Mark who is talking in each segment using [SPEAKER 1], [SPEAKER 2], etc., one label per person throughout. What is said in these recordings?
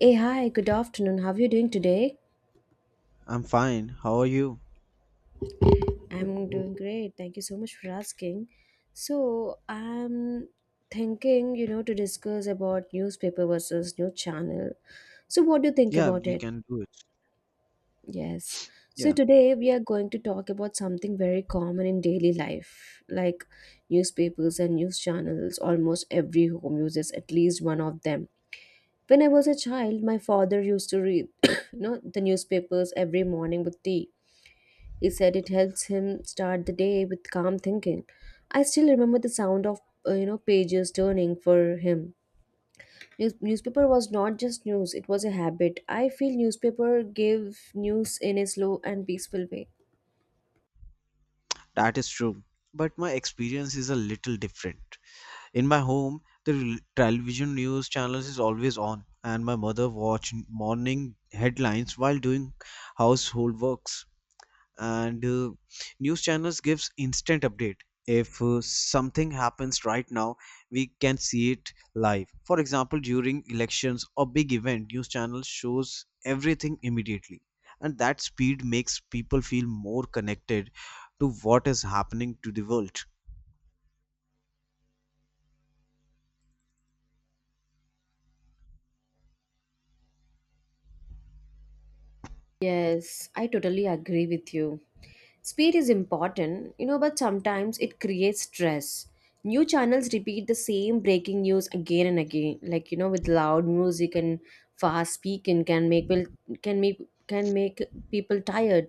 [SPEAKER 1] Hey, hi, good afternoon. How are you doing today?
[SPEAKER 2] I'm fine. How are you?
[SPEAKER 1] I'm doing great. Thank you so much for asking. So, I'm thinking, to discuss about newspaper versus new channel. So, what do you think
[SPEAKER 2] Yeah,
[SPEAKER 1] about
[SPEAKER 2] we
[SPEAKER 1] it?
[SPEAKER 2] can do it.
[SPEAKER 1] Yes. So,
[SPEAKER 2] Yeah,
[SPEAKER 1] today we are going to talk about something very common in daily life, like newspapers and news channels. Almost every home uses at least one of them. When I was a child, my father used to read, the newspapers every morning with tea. He said it helps him start the day with calm thinking. I still remember the sound of pages turning for him. Newspaper was not just news; it was a habit. I feel newspaper gave news in a slow and peaceful way.
[SPEAKER 2] that is true. But my experience is a little different. In my home, the television news channels is always on, and my mother watch morning headlines while doing household works. And News channels gives instant update if something happens right now, we can see it live. For example, during elections or big event, news channel shows everything immediately, and that speed makes people feel more connected to what is happening to the world.
[SPEAKER 1] Yes, I totally agree with you. Speed is important, but sometimes it creates stress. New channels repeat the same breaking news again and again, with loud music and fast speaking can make can make can make people tired.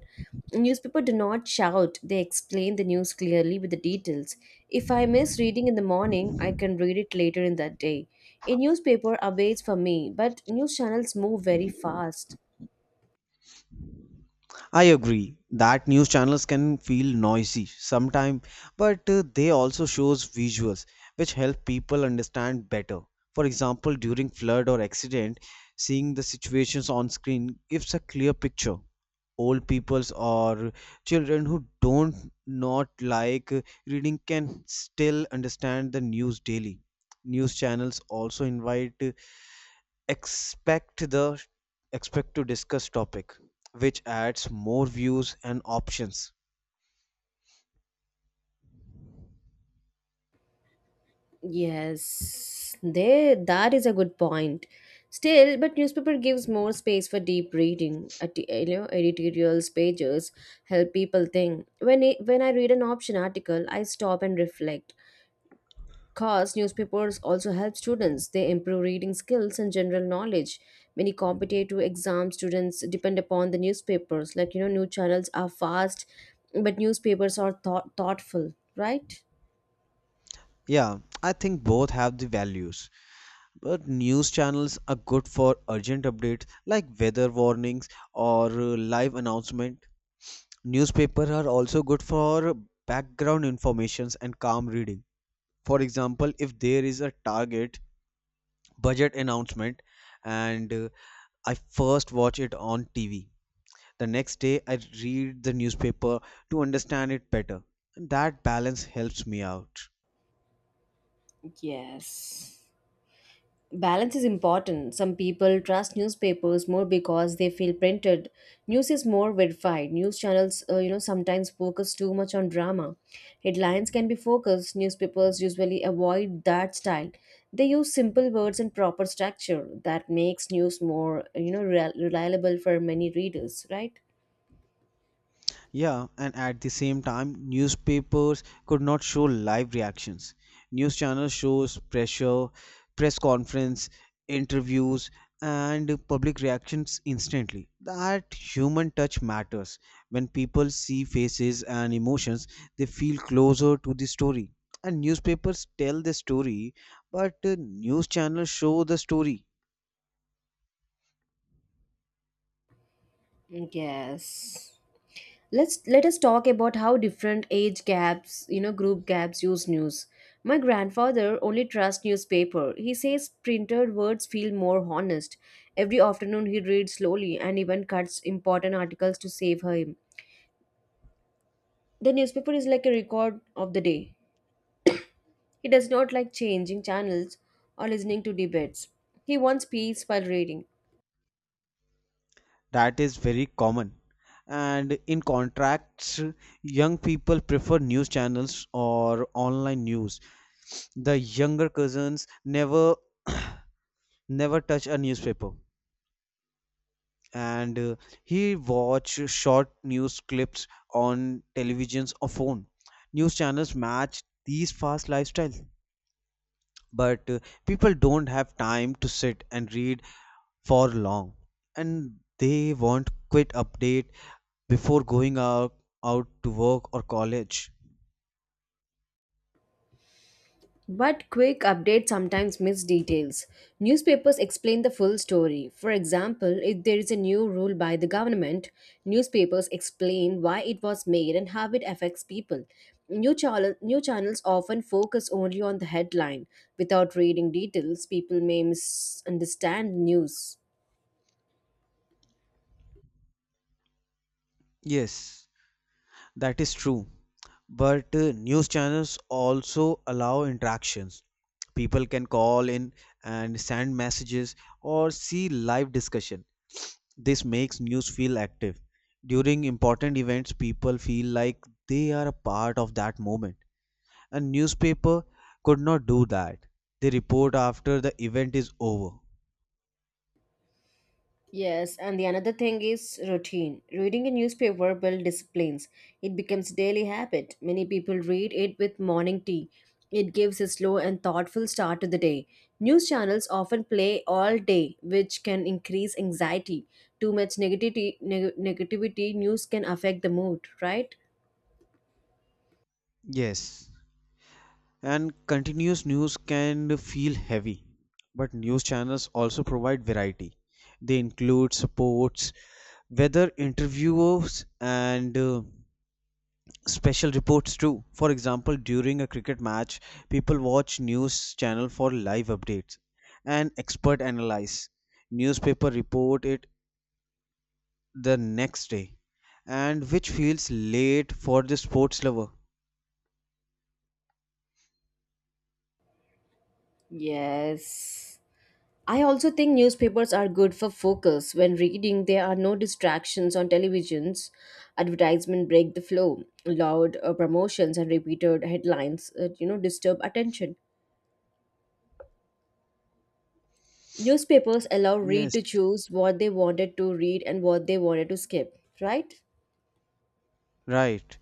[SPEAKER 1] Newspaper do not shout; they explain the news clearly with the details. If I miss reading in the morning, I can read it later in that day. A newspaper awaits for me, but news channels move very fast.
[SPEAKER 2] I agree that news channels can feel noisy sometimes, but they also shows visuals which help people understand better. For example, during flood or accident, seeing the situations on screen gives a clear picture. Old peoples or children who don't not like reading can still understand the news daily. News channels also invite expect the expect to discuss topic, which adds more views and options.
[SPEAKER 1] Yes, there that is a good point. Still, but newspaper gives more space for deep reading. At the- You know, Editorials pages help people think. When I read an option article, I stop and reflect. Cause newspapers also help students. They improve reading skills and general knowledge. Many competitive exam students depend upon the newspapers. New channels are fast, but newspapers are thoughtful, right?
[SPEAKER 2] Yeah, I think both have the values, but news channels are good for urgent updates like weather warnings or live announcement. Newspapers are also good for background informations and calm reading. For example, if there is a target budget announcement, and I first watch it on TV. The next day, I read the newspaper to understand it better. That balance helps me out.
[SPEAKER 1] Yes. Balance is important. Some people trust newspapers more because they feel printed. News is more verified. News channels, sometimes focus too much on drama. Headlines can be focused. Newspapers usually avoid that style. They use simple words and proper structure that makes news more, reliable for many readers, right?
[SPEAKER 2] Yeah, and at the same time, newspapers could not show live reactions. News channels shows pressure, press conference, interviews, and public reactions instantly. That human touch matters. When people see faces and emotions, they feel closer to the story. And newspapers tell the story, but news channels show the story.
[SPEAKER 1] Yes. Let us talk about how different age gaps, group gaps use news. My grandfather only trusts newspaper. He says printed words feel more honest. Every afternoon he reads slowly and even cuts important articles to save him. The newspaper is like a record of the day. He does not like changing channels or listening to debates. He wants peace while reading.
[SPEAKER 2] That is very common. And in contracts, young people prefer news channels or online news. The younger cousins never touch a newspaper, and he watch short news clips on televisions or phone. News channels match these fast lifestyles, but people don't have time to sit and read for long, and they want quick updates before going out to work or college.
[SPEAKER 1] But quick updates sometimes miss details. Newspapers explain the full story. For example, if there is a new rule by the government, newspapers explain why it was made and how it affects people. New channels often focus only on the headline. Without reading details, people may misunderstand news.
[SPEAKER 2] Yes, that is true. But news channels also allow interactions. People can call in and send messages or see live discussion. This makes news feel active. During important events, people feel like they are a part of that moment. A newspaper could not do that. They report after the event is over.
[SPEAKER 1] Yes, and the another thing is routine. Reading a newspaper builds disciplines. It becomes daily habit. Many people read it with morning tea. It gives a slow and thoughtful start to the day. News channels often play all day, which can increase anxiety. Too much negativity news can affect the mood, right?
[SPEAKER 2] Yes. And continuous news can feel heavy, but news channels also provide variety. They include sports, weather, interviews, and special reports too. For example, during a cricket match, people watch news channel for live updates and expert analyze. Newspaper report it the next day, and which feels late for the sports lover.
[SPEAKER 1] Yes. I also think newspapers are good for focus. When reading, there are no distractions on televisions. Advertisement break the flow. Loud promotions and repeated headlines, disturb attention. Newspapers allow read
[SPEAKER 2] Yes,
[SPEAKER 1] to choose what they wanted to read and what they wanted to skip, right?
[SPEAKER 2] right.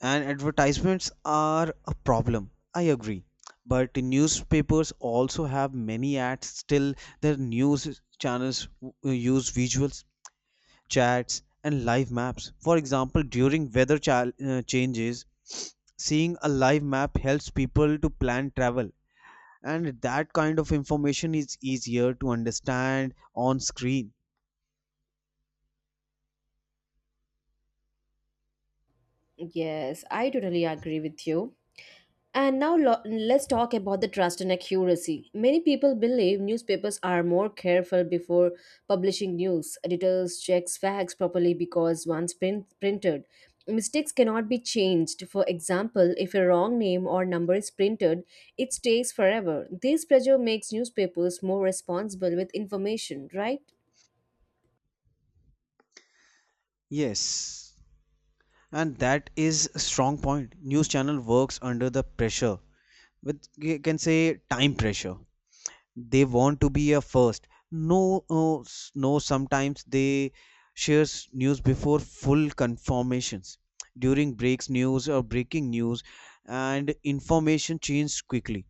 [SPEAKER 2] And advertisements are a problem, I agree, but newspapers also have many ads still. Their news channels use visuals, chats and live maps. For example, during weather chal changes, seeing a live map helps people to plan travel, and that kind of information is easier to understand on screen.
[SPEAKER 1] Yes, I totally agree with you. And now let's talk about the trust and accuracy. Many people believe newspapers are more careful before publishing news. Editors checks facts properly because once printed, mistakes cannot be changed. For example, if a wrong name or number is printed, it stays forever. This pressure makes newspapers more responsible with information, right?
[SPEAKER 2] Yes, and that is a strong point. News channel works under the pressure, with, you can say, time pressure. They want to be a first. No, no, sometimes they shares news before full confirmations during breaks news or breaking news, and information changes quickly.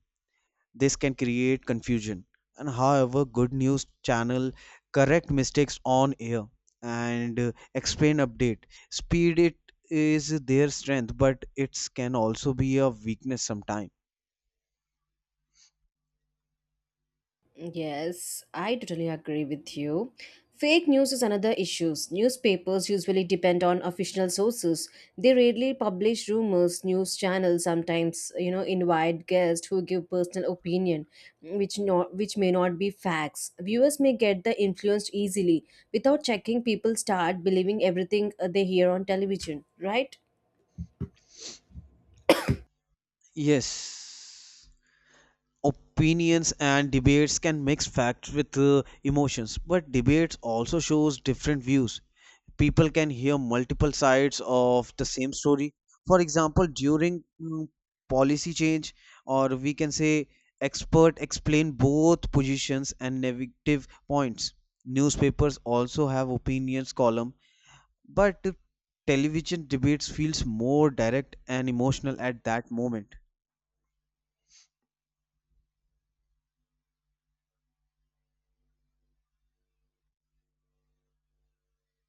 [SPEAKER 2] This can create confusion. And however good news channel correct mistakes on air, and explain update. Speed it is their strength, but it can also be a weakness sometimes.
[SPEAKER 1] Yes, I totally agree with you. Fake news is another issue. Newspapers usually depend on official sources. They rarely publish rumors. News channels sometimes, invite guests who give personal opinion, which may not be facts. Viewers may get the influenced easily. Without checking, people start believing everything they hear on television, right?
[SPEAKER 2] Yes, opinions and debates can mix facts with emotions, but debates also shows different views. People can hear multiple sides of the same story. For example, during policy change, or we can say, expert explain both positions and negative points. Newspapers also have opinions column, but television debates feels more direct and emotional at that moment.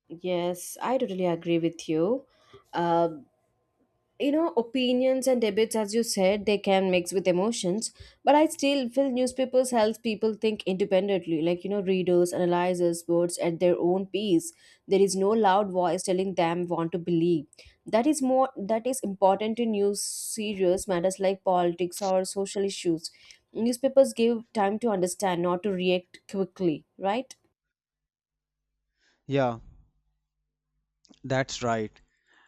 [SPEAKER 1] Yes, I totally agree with you. Uh, you know Opinions and debates, as you said, they can mix with emotions, but I still feel newspapers help people think independently, readers analyzers words at their own pace. There is no loud voice telling them what to believe. That is important in news serious matters like politics or social issues. Newspapers give time to understand, not to react quickly, right?
[SPEAKER 2] Yeah. That's right.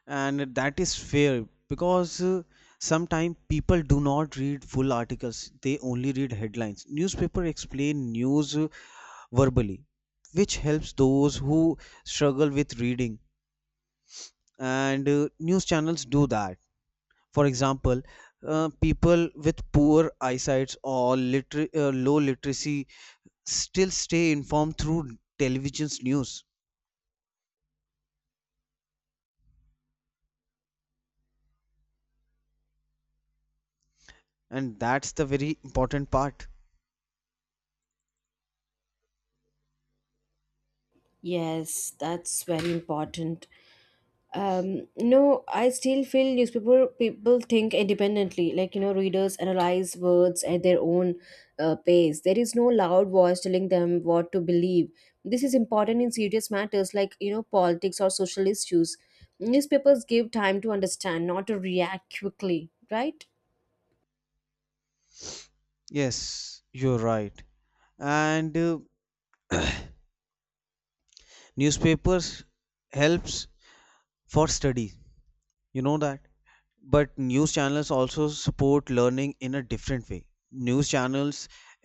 [SPEAKER 2] And that is fair because sometimes people do not read full articles, they only read headlines. Newspaper explain news verbally, which helps those who struggle with reading. And news channels do that. For example, people with poor eyesight or low literacy still stay informed through television's news. And that's the very important part.
[SPEAKER 1] Yes, that's very important. No, I still feel newspaper people think independently, readers analyze words at their own pace. There is no loud voice telling them what to believe. This is important in serious matters, politics or social issues. Newspapers give time to understand, not to react quickly, right?
[SPEAKER 2] Yes, you're right. and Newspapers helps for study, you know that, but news channels also support learning in a different way. News channels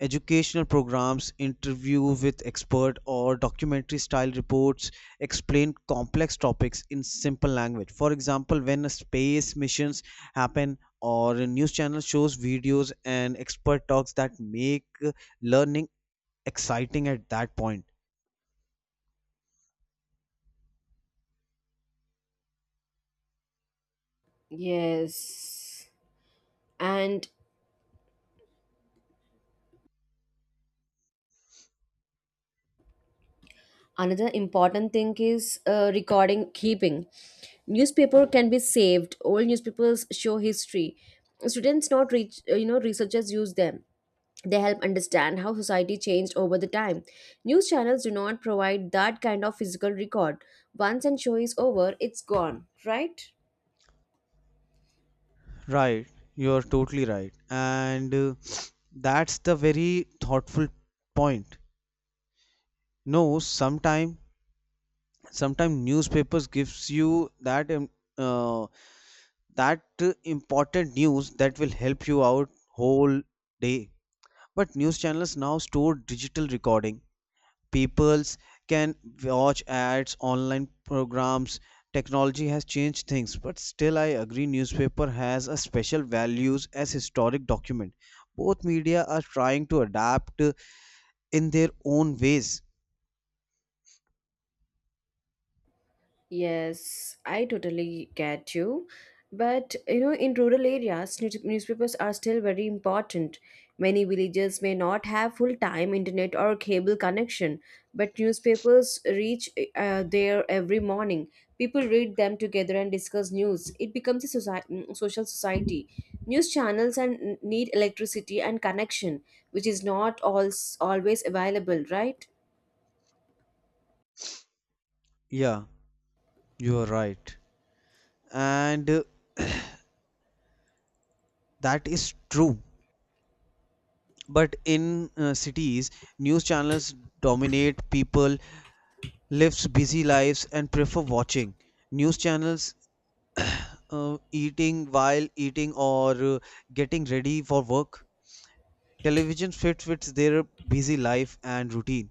[SPEAKER 2] educational programs, interview with expert, or documentary style reports explain complex topics in simple language. For example, when a space missions happen or a news channel shows videos and expert talks, that make learning exciting at that point.
[SPEAKER 1] Yes, and another important thing is recording keeping. Newspaper can be saved. Old newspapers show history. Students not reach, researchers use them. They help understand how society changed over the time. News channels do not provide that kind of physical record. Once an show is over, it's gone, right?
[SPEAKER 2] Right, you are totally right. And that's the very thoughtful point. No, sometime newspapers gives you that uh, that important news that will help you out whole day. But news channels now store digital recording. Peoples can watch ads online programs. Technology has changed things, but still I agree newspaper has a special values as historic document. Both media are trying to adapt in their own ways.
[SPEAKER 1] Yes, I totally get you. But in rural areas, newspapers are still very important. Many villages may not have full-time internet or cable connection, but newspapers reach there every morning. People read them together and discuss news. It becomes a society, social society. News channels and need electricity and connection, which is not al always available, right?
[SPEAKER 2] Yeah, you are right, and that is true, but in cities, news channels dominate people lives. Busy lives and prefer watching news channels eating while eating or getting ready for work. Television fits with their busy life and routine.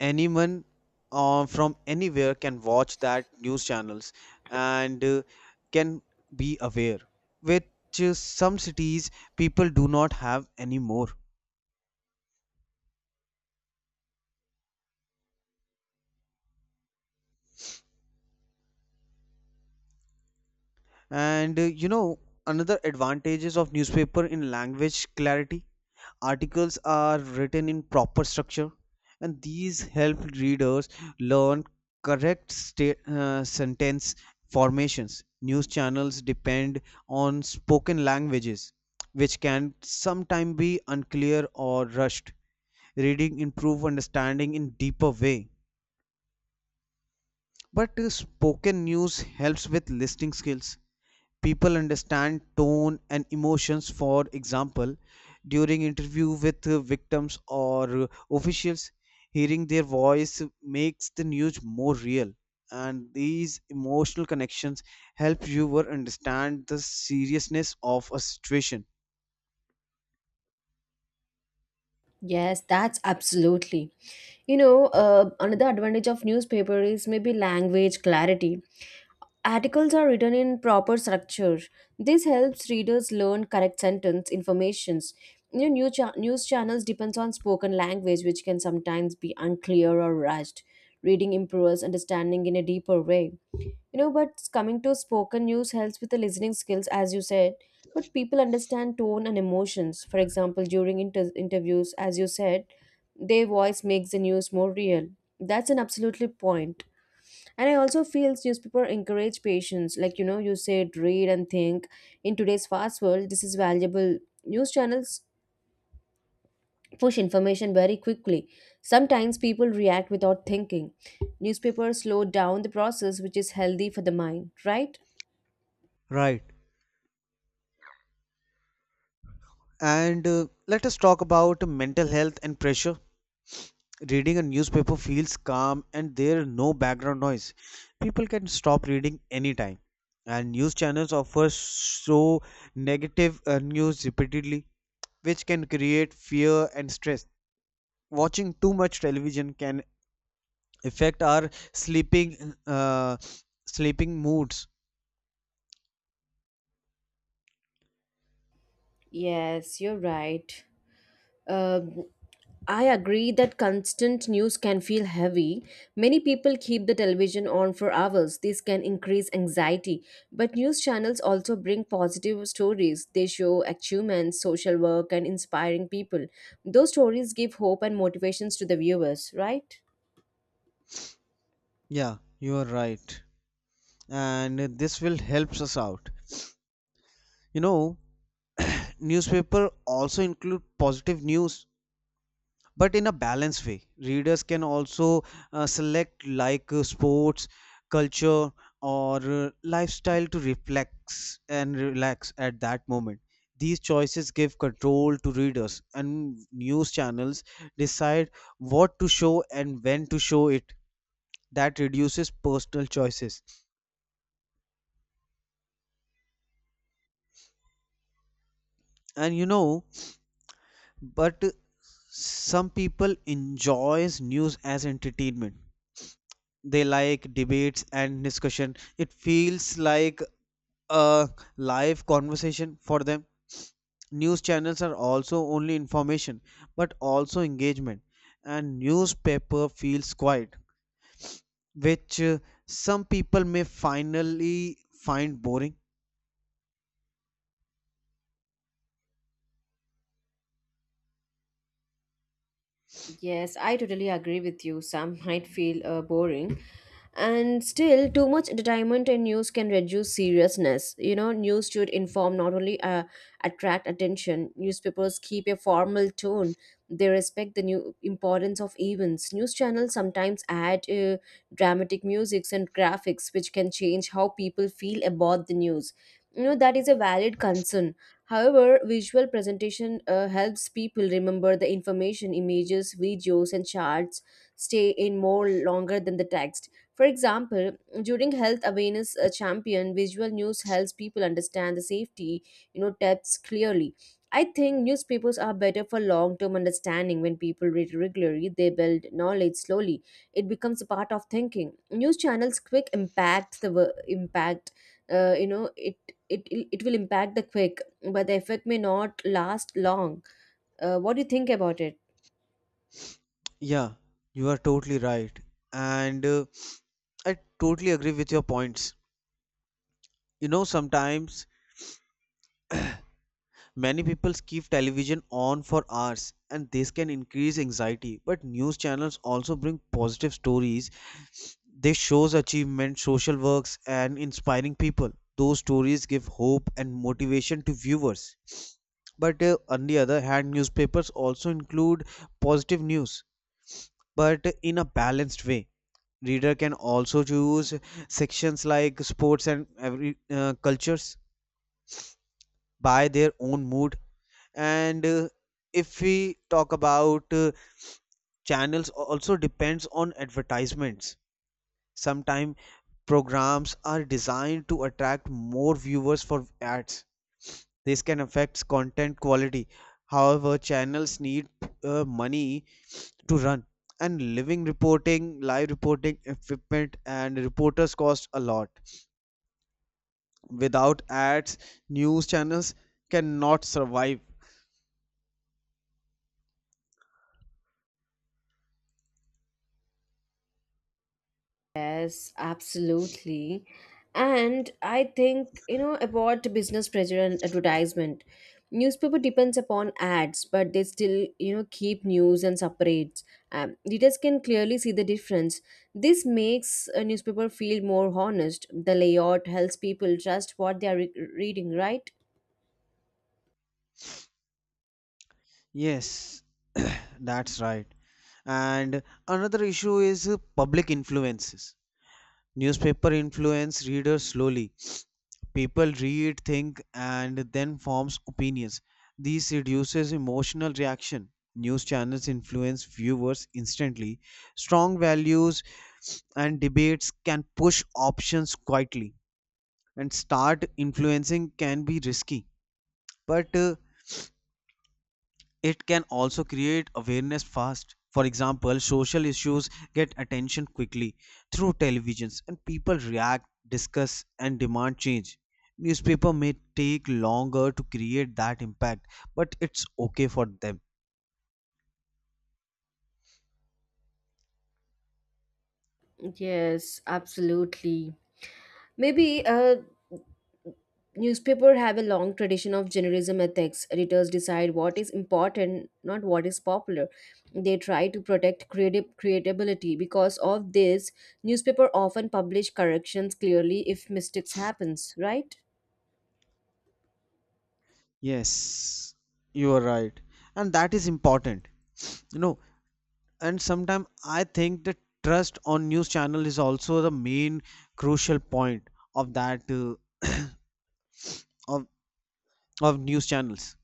[SPEAKER 2] Anyone from anywhere can watch that news channels and can be aware, which some cities people do not have anymore. And uh, you know, Another advantages of newspaper in language clarity. Articles are written in proper structure, and these help readers learn correct sentence formations. News channels depend on spoken languages, which can sometimes be unclear or rushed. Reading improve understanding in deeper way, but spoken news helps with listening skills. People understand tone and emotions. For example, during interview with victims or officials, hearing their voice makes the news more real, and these emotional connections help viewer understand the seriousness of a situation.
[SPEAKER 1] Yes, that's absolutely. Another advantage of newspaper is maybe language clarity. Articles are written in proper structure. This helps readers learn correct sentence informations. News channels depends on spoken language, which can sometimes be unclear or rushed. Reading improves understanding in a deeper way. But coming to spoken news helps with the listening skills, as you said. But people understand tone and emotions. For example, during interviews, as you said, their voice makes the news more real. That's an absolutely point. And I also feel newspaper encourage patience. You said read and think. In today's fast world, this is valuable. News channels push information very quickly. Sometimes people react without thinking. Newspapers slow down the process, which is healthy for the mind, right?
[SPEAKER 2] Right. and Let us talk about mental health and pressure. Reading a newspaper feels calm and there is no background noise. People can stop reading anytime. And news channels offer so negative news repeatedly, which can create fear and stress. Watching too much television can affect our sleeping moods.
[SPEAKER 1] Yes, you're right. Um, I agree that constant news can feel heavy. Many people keep the television on for hours. This can increase anxiety. But news channels also bring positive stories. They show achievements, social work, and inspiring people. Those stories give hope and motivations to the viewers, right?
[SPEAKER 2] Yeah, you are right. And this will helps us out. You know, newspaper also include positive news but in a balanced way. Readers can also select like sports, culture, or lifestyle to reflex and relax at that moment. These choices give control to readers, and news channels decide what to show and when to show it. That reduces personal choices. And, you know, but some people enjoys news as entertainment. They like debates and discussion. It feels like a live conversation for them. News channels are also only information but also engagement. And newspaper feels quiet, which some people may finally find boring.
[SPEAKER 1] Yes, I totally agree with you. Some might feel boring. And still, too much entertainment and news can reduce seriousness. News should inform, not only attract attention. Newspapers keep a formal tone. They respect the new importance of events. News channels sometimes add dramatic musics and graphics, which can change how people feel about the news. That is a valid concern. However, visual presentation helps people remember the information. Images, videos, and charts stay in more longer than the text. For example, during Health Awareness
[SPEAKER 2] Yeah.
[SPEAKER 1] Champion, visual news helps people understand the safety, tips clearly. I think newspapers are better for long-term understanding. When people read regularly, they build knowledge slowly. It becomes a part of thinking. News channels quick impact the impact. Uh, you know, it it will impact the quick, but the effect may not last long. What do you think about it?
[SPEAKER 2] Yeah, you are totally right. And I totally agree with your points. You know, sometimes many people keep television on for hours and this can increase anxiety. But news channels also bring positive stories. They shows achievement, social works and inspiring people. Those stories give hope and motivation to viewers. But on the other hand, newspapers also include positive news, but in a balanced way. Reader can also choose sections like sports and every cultures by their own mood. And if we talk about channels also depends on advertisements, sometimes programs are designed to attract more viewers for ads. This can affect content quality. However, channels need money to run, and living reporting live reporting equipment and reporters cost a lot. Without ads, news channels cannot survive.
[SPEAKER 1] Yes, absolutely. And I think, about business pressure and advertisement. Newspaper depends upon ads, but they still, keep news and separates. Readers can clearly see the difference. This makes a newspaper feel more honest. The layout helps people trust what they are reading, right?
[SPEAKER 2] Yes, that's right. And another issue is public influences. Newspaper influence readers slowly. People read, think, and then forms opinions. This reduces emotional reaction. News channels influence viewers instantly. Strong values and debates can push options quietly, and start influencing can be risky. But it can also create awareness fast. For example, social issues get attention quickly through televisions, and people react, discuss, and demand change. Newspaper may take longer to create that impact, but it's okay for them.
[SPEAKER 1] Yes, absolutely. Maybe newspapers have a long tradition of journalism ethics. Editors decide what is important, not what is popular. They try to protect creative creatability. Because of this, newspaper often publish corrections clearly if mistakes happens, right?
[SPEAKER 2] Yes, you are right, and that is important, you know. And sometimes I think the trust on news channel is also the main crucial point of that of of news channels.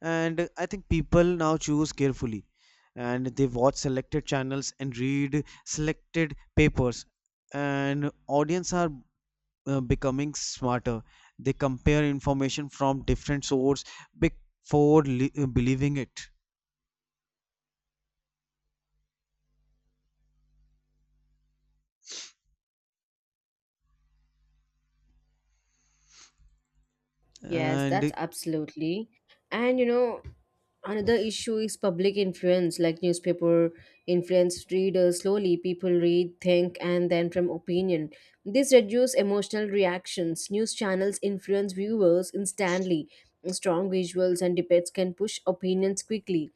[SPEAKER 2] And I think people now choose carefully, and they watch selected channels and read selected papers, and audience are becoming smarter. They compare information from different source before believing it.
[SPEAKER 1] Yes,
[SPEAKER 2] And
[SPEAKER 1] that's absolutely. And another issue is public influence, like newspaper influence readers slowly. People read, think, and then from opinion. This reduces emotional reactions. News channels influence viewers instantly. Strong visuals and debates can push opinions quickly.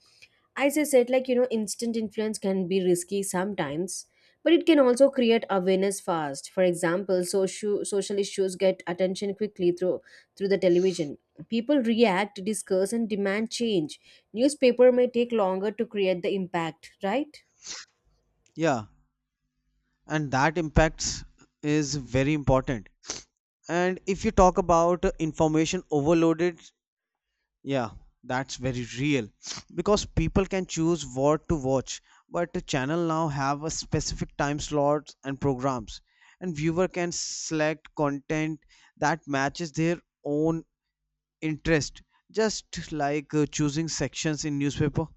[SPEAKER 1] As I said, instant influence can be risky sometimes, but it can also create awareness fast. For example, social issues get attention quickly through the television. People react, discuss, and demand change. Newspaper may take longer to create the impact, right?
[SPEAKER 2] yeah, and that impacts is very important. And if you talk about information overloaded. Yeah, that's very real, because people can choose what to watch, but the channel now have a specific time slots and programs, and viewer can select content that matches their own interest, just like choosing sections in newspaper.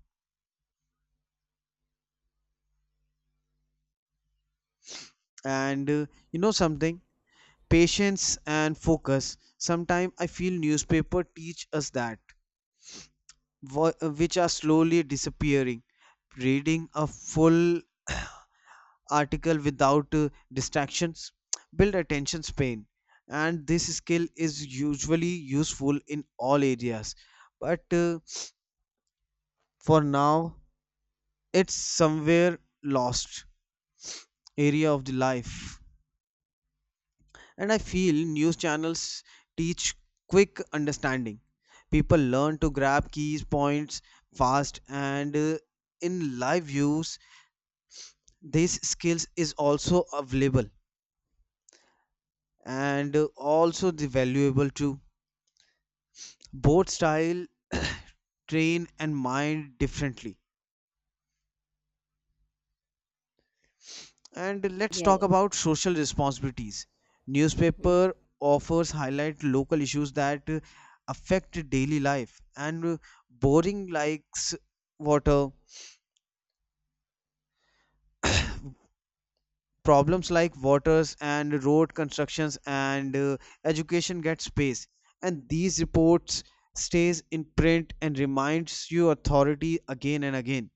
[SPEAKER 2] And you know something, patience and focus. Sometimes I feel newspaper teach us that, wh- which are slowly disappearing. Reading a full article without distractions build attention span, and this skill is usually useful in all areas. But for now, it's somewhere lost area of the life. And I feel news channels teach quick understanding. People learn to grab keys points fast, and in live views, these skills is also available, and also the valuable too. Both style train and mind differently. And let's
[SPEAKER 1] Yeah.
[SPEAKER 2] talk about social responsibilities. Newspaper offers highlight local issues that affect daily life and boring likes water problems like waters and road constructions and education get space, and these reports stays in print and reminds you authority again and again.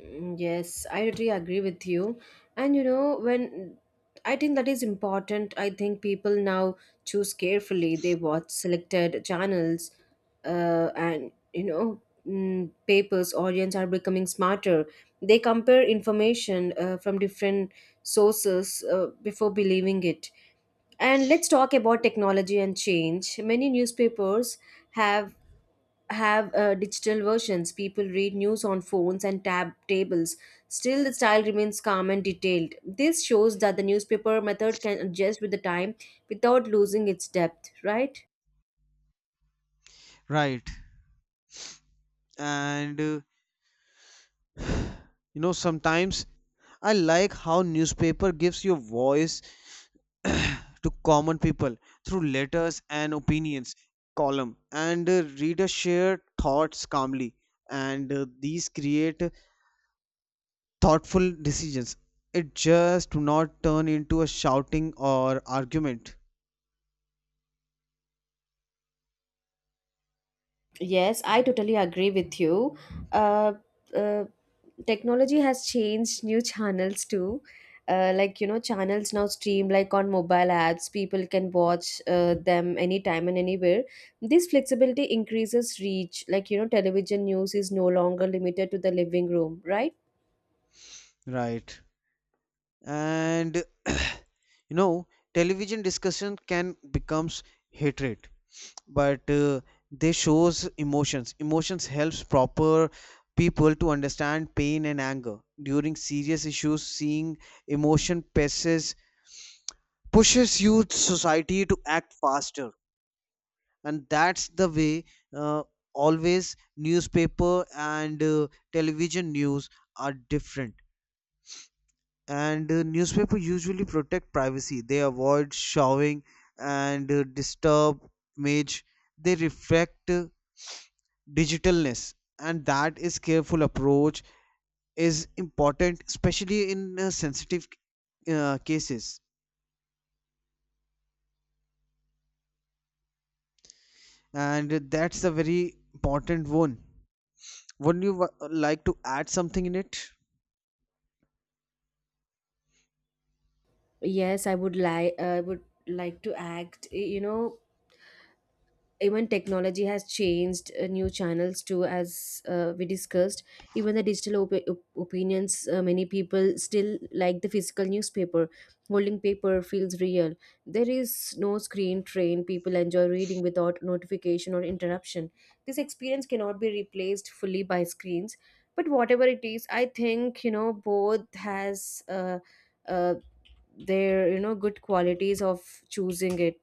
[SPEAKER 1] Mm, yes, I really agree with you. And when I think that is important, I think people now choose carefully. They watch selected channels, and papers, audience are becoming smarter. They compare information from different sources before believing it. And let's talk about technology and change. Many newspapers have have digital versions. People read news on phones and tab tables. Still, the style remains calm and detailed. This shows that the newspaper method can adjust with the time without losing its depth, right?
[SPEAKER 2] Right. And you know, sometimes I like how newspaper gives your voice to common people through letters and opinions column, and readers share thoughts calmly, and these create thoughtful decisions. It just do not turn into a shouting or argument.
[SPEAKER 1] Yes, I totally agree with you. Uh, uh, Technology has changed new channels too. Channels now stream like on mobile apps. People can watch them anytime and anywhere. This flexibility increases reach. Television news is no longer limited to the living room, right?
[SPEAKER 2] Right. And you know, television discussion can becomes hatred, but they shows emotions. Emotions helps proper people to understand pain and anger during serious issues. Seeing emotion passes pushes youth society to act faster. And that's the way, uh, always newspaper and television news are different. And newspaper usually protect privacy. They avoid showing and disturb image. They reflect digitalness, and that is careful approach is important, especially in sensitive cases. And that's a very important one. Wouldn't you like to add something in it?
[SPEAKER 1] Yes, I would like. I would like to act. Even technology has changed new channels too, as we discussed. Even the digital opinions, many people still like the physical newspaper. Holding paper feels real. There is no screen train. People enjoy reading without notification or interruption. This experience cannot be replaced fully by screens. But whatever it is, I think both has uh, their good qualities of choosing it,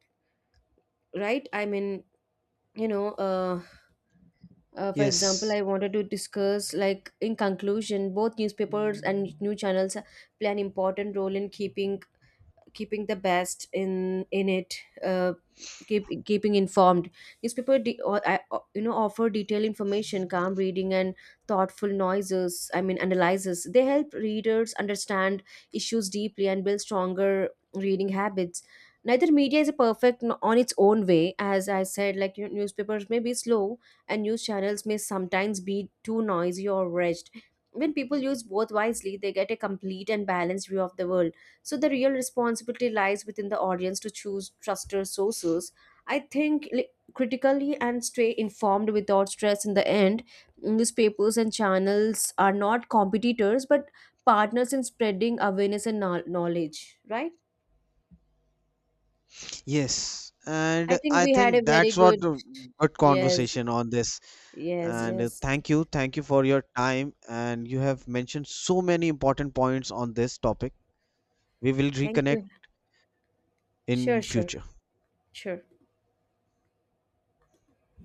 [SPEAKER 1] right? I mean, you know uh, for example,
[SPEAKER 2] Yes,
[SPEAKER 1] I wanted to discuss, like, in conclusion, both newspapers and new channels play an important role in keeping the best in it. Uh, keeping informed, newspaper de- or, I, o- you know offer detailed information, calm reading, and thoughtful noises, I mean, analysis. They help readers understand issues deeply and build stronger reading habits. Neither media is a perfect on its own way. As I said, newspapers may be slow and news channels may sometimes be too noisy or rushed. When people use both wisely, they get a complete and balanced view of the world. So the real responsibility lies within the audience to choose trusted sources. I think critically and stay informed without stress in the end. Newspapers and channels are not competitors but partners in spreading awareness and knowledge, right?
[SPEAKER 2] yes,
[SPEAKER 1] I
[SPEAKER 2] and
[SPEAKER 1] think
[SPEAKER 2] I
[SPEAKER 1] we had a
[SPEAKER 2] think
[SPEAKER 1] very
[SPEAKER 2] that's what
[SPEAKER 1] good,
[SPEAKER 2] a good
[SPEAKER 1] yes,
[SPEAKER 2] conversation on this.
[SPEAKER 1] yes,
[SPEAKER 2] And
[SPEAKER 1] yes.
[SPEAKER 2] thank you, for your time, and you have mentioned so many important points on this topic. We will
[SPEAKER 1] Thank you.
[SPEAKER 2] reconnect
[SPEAKER 1] Sure,
[SPEAKER 2] in
[SPEAKER 1] sure,
[SPEAKER 2] future.
[SPEAKER 1] sure.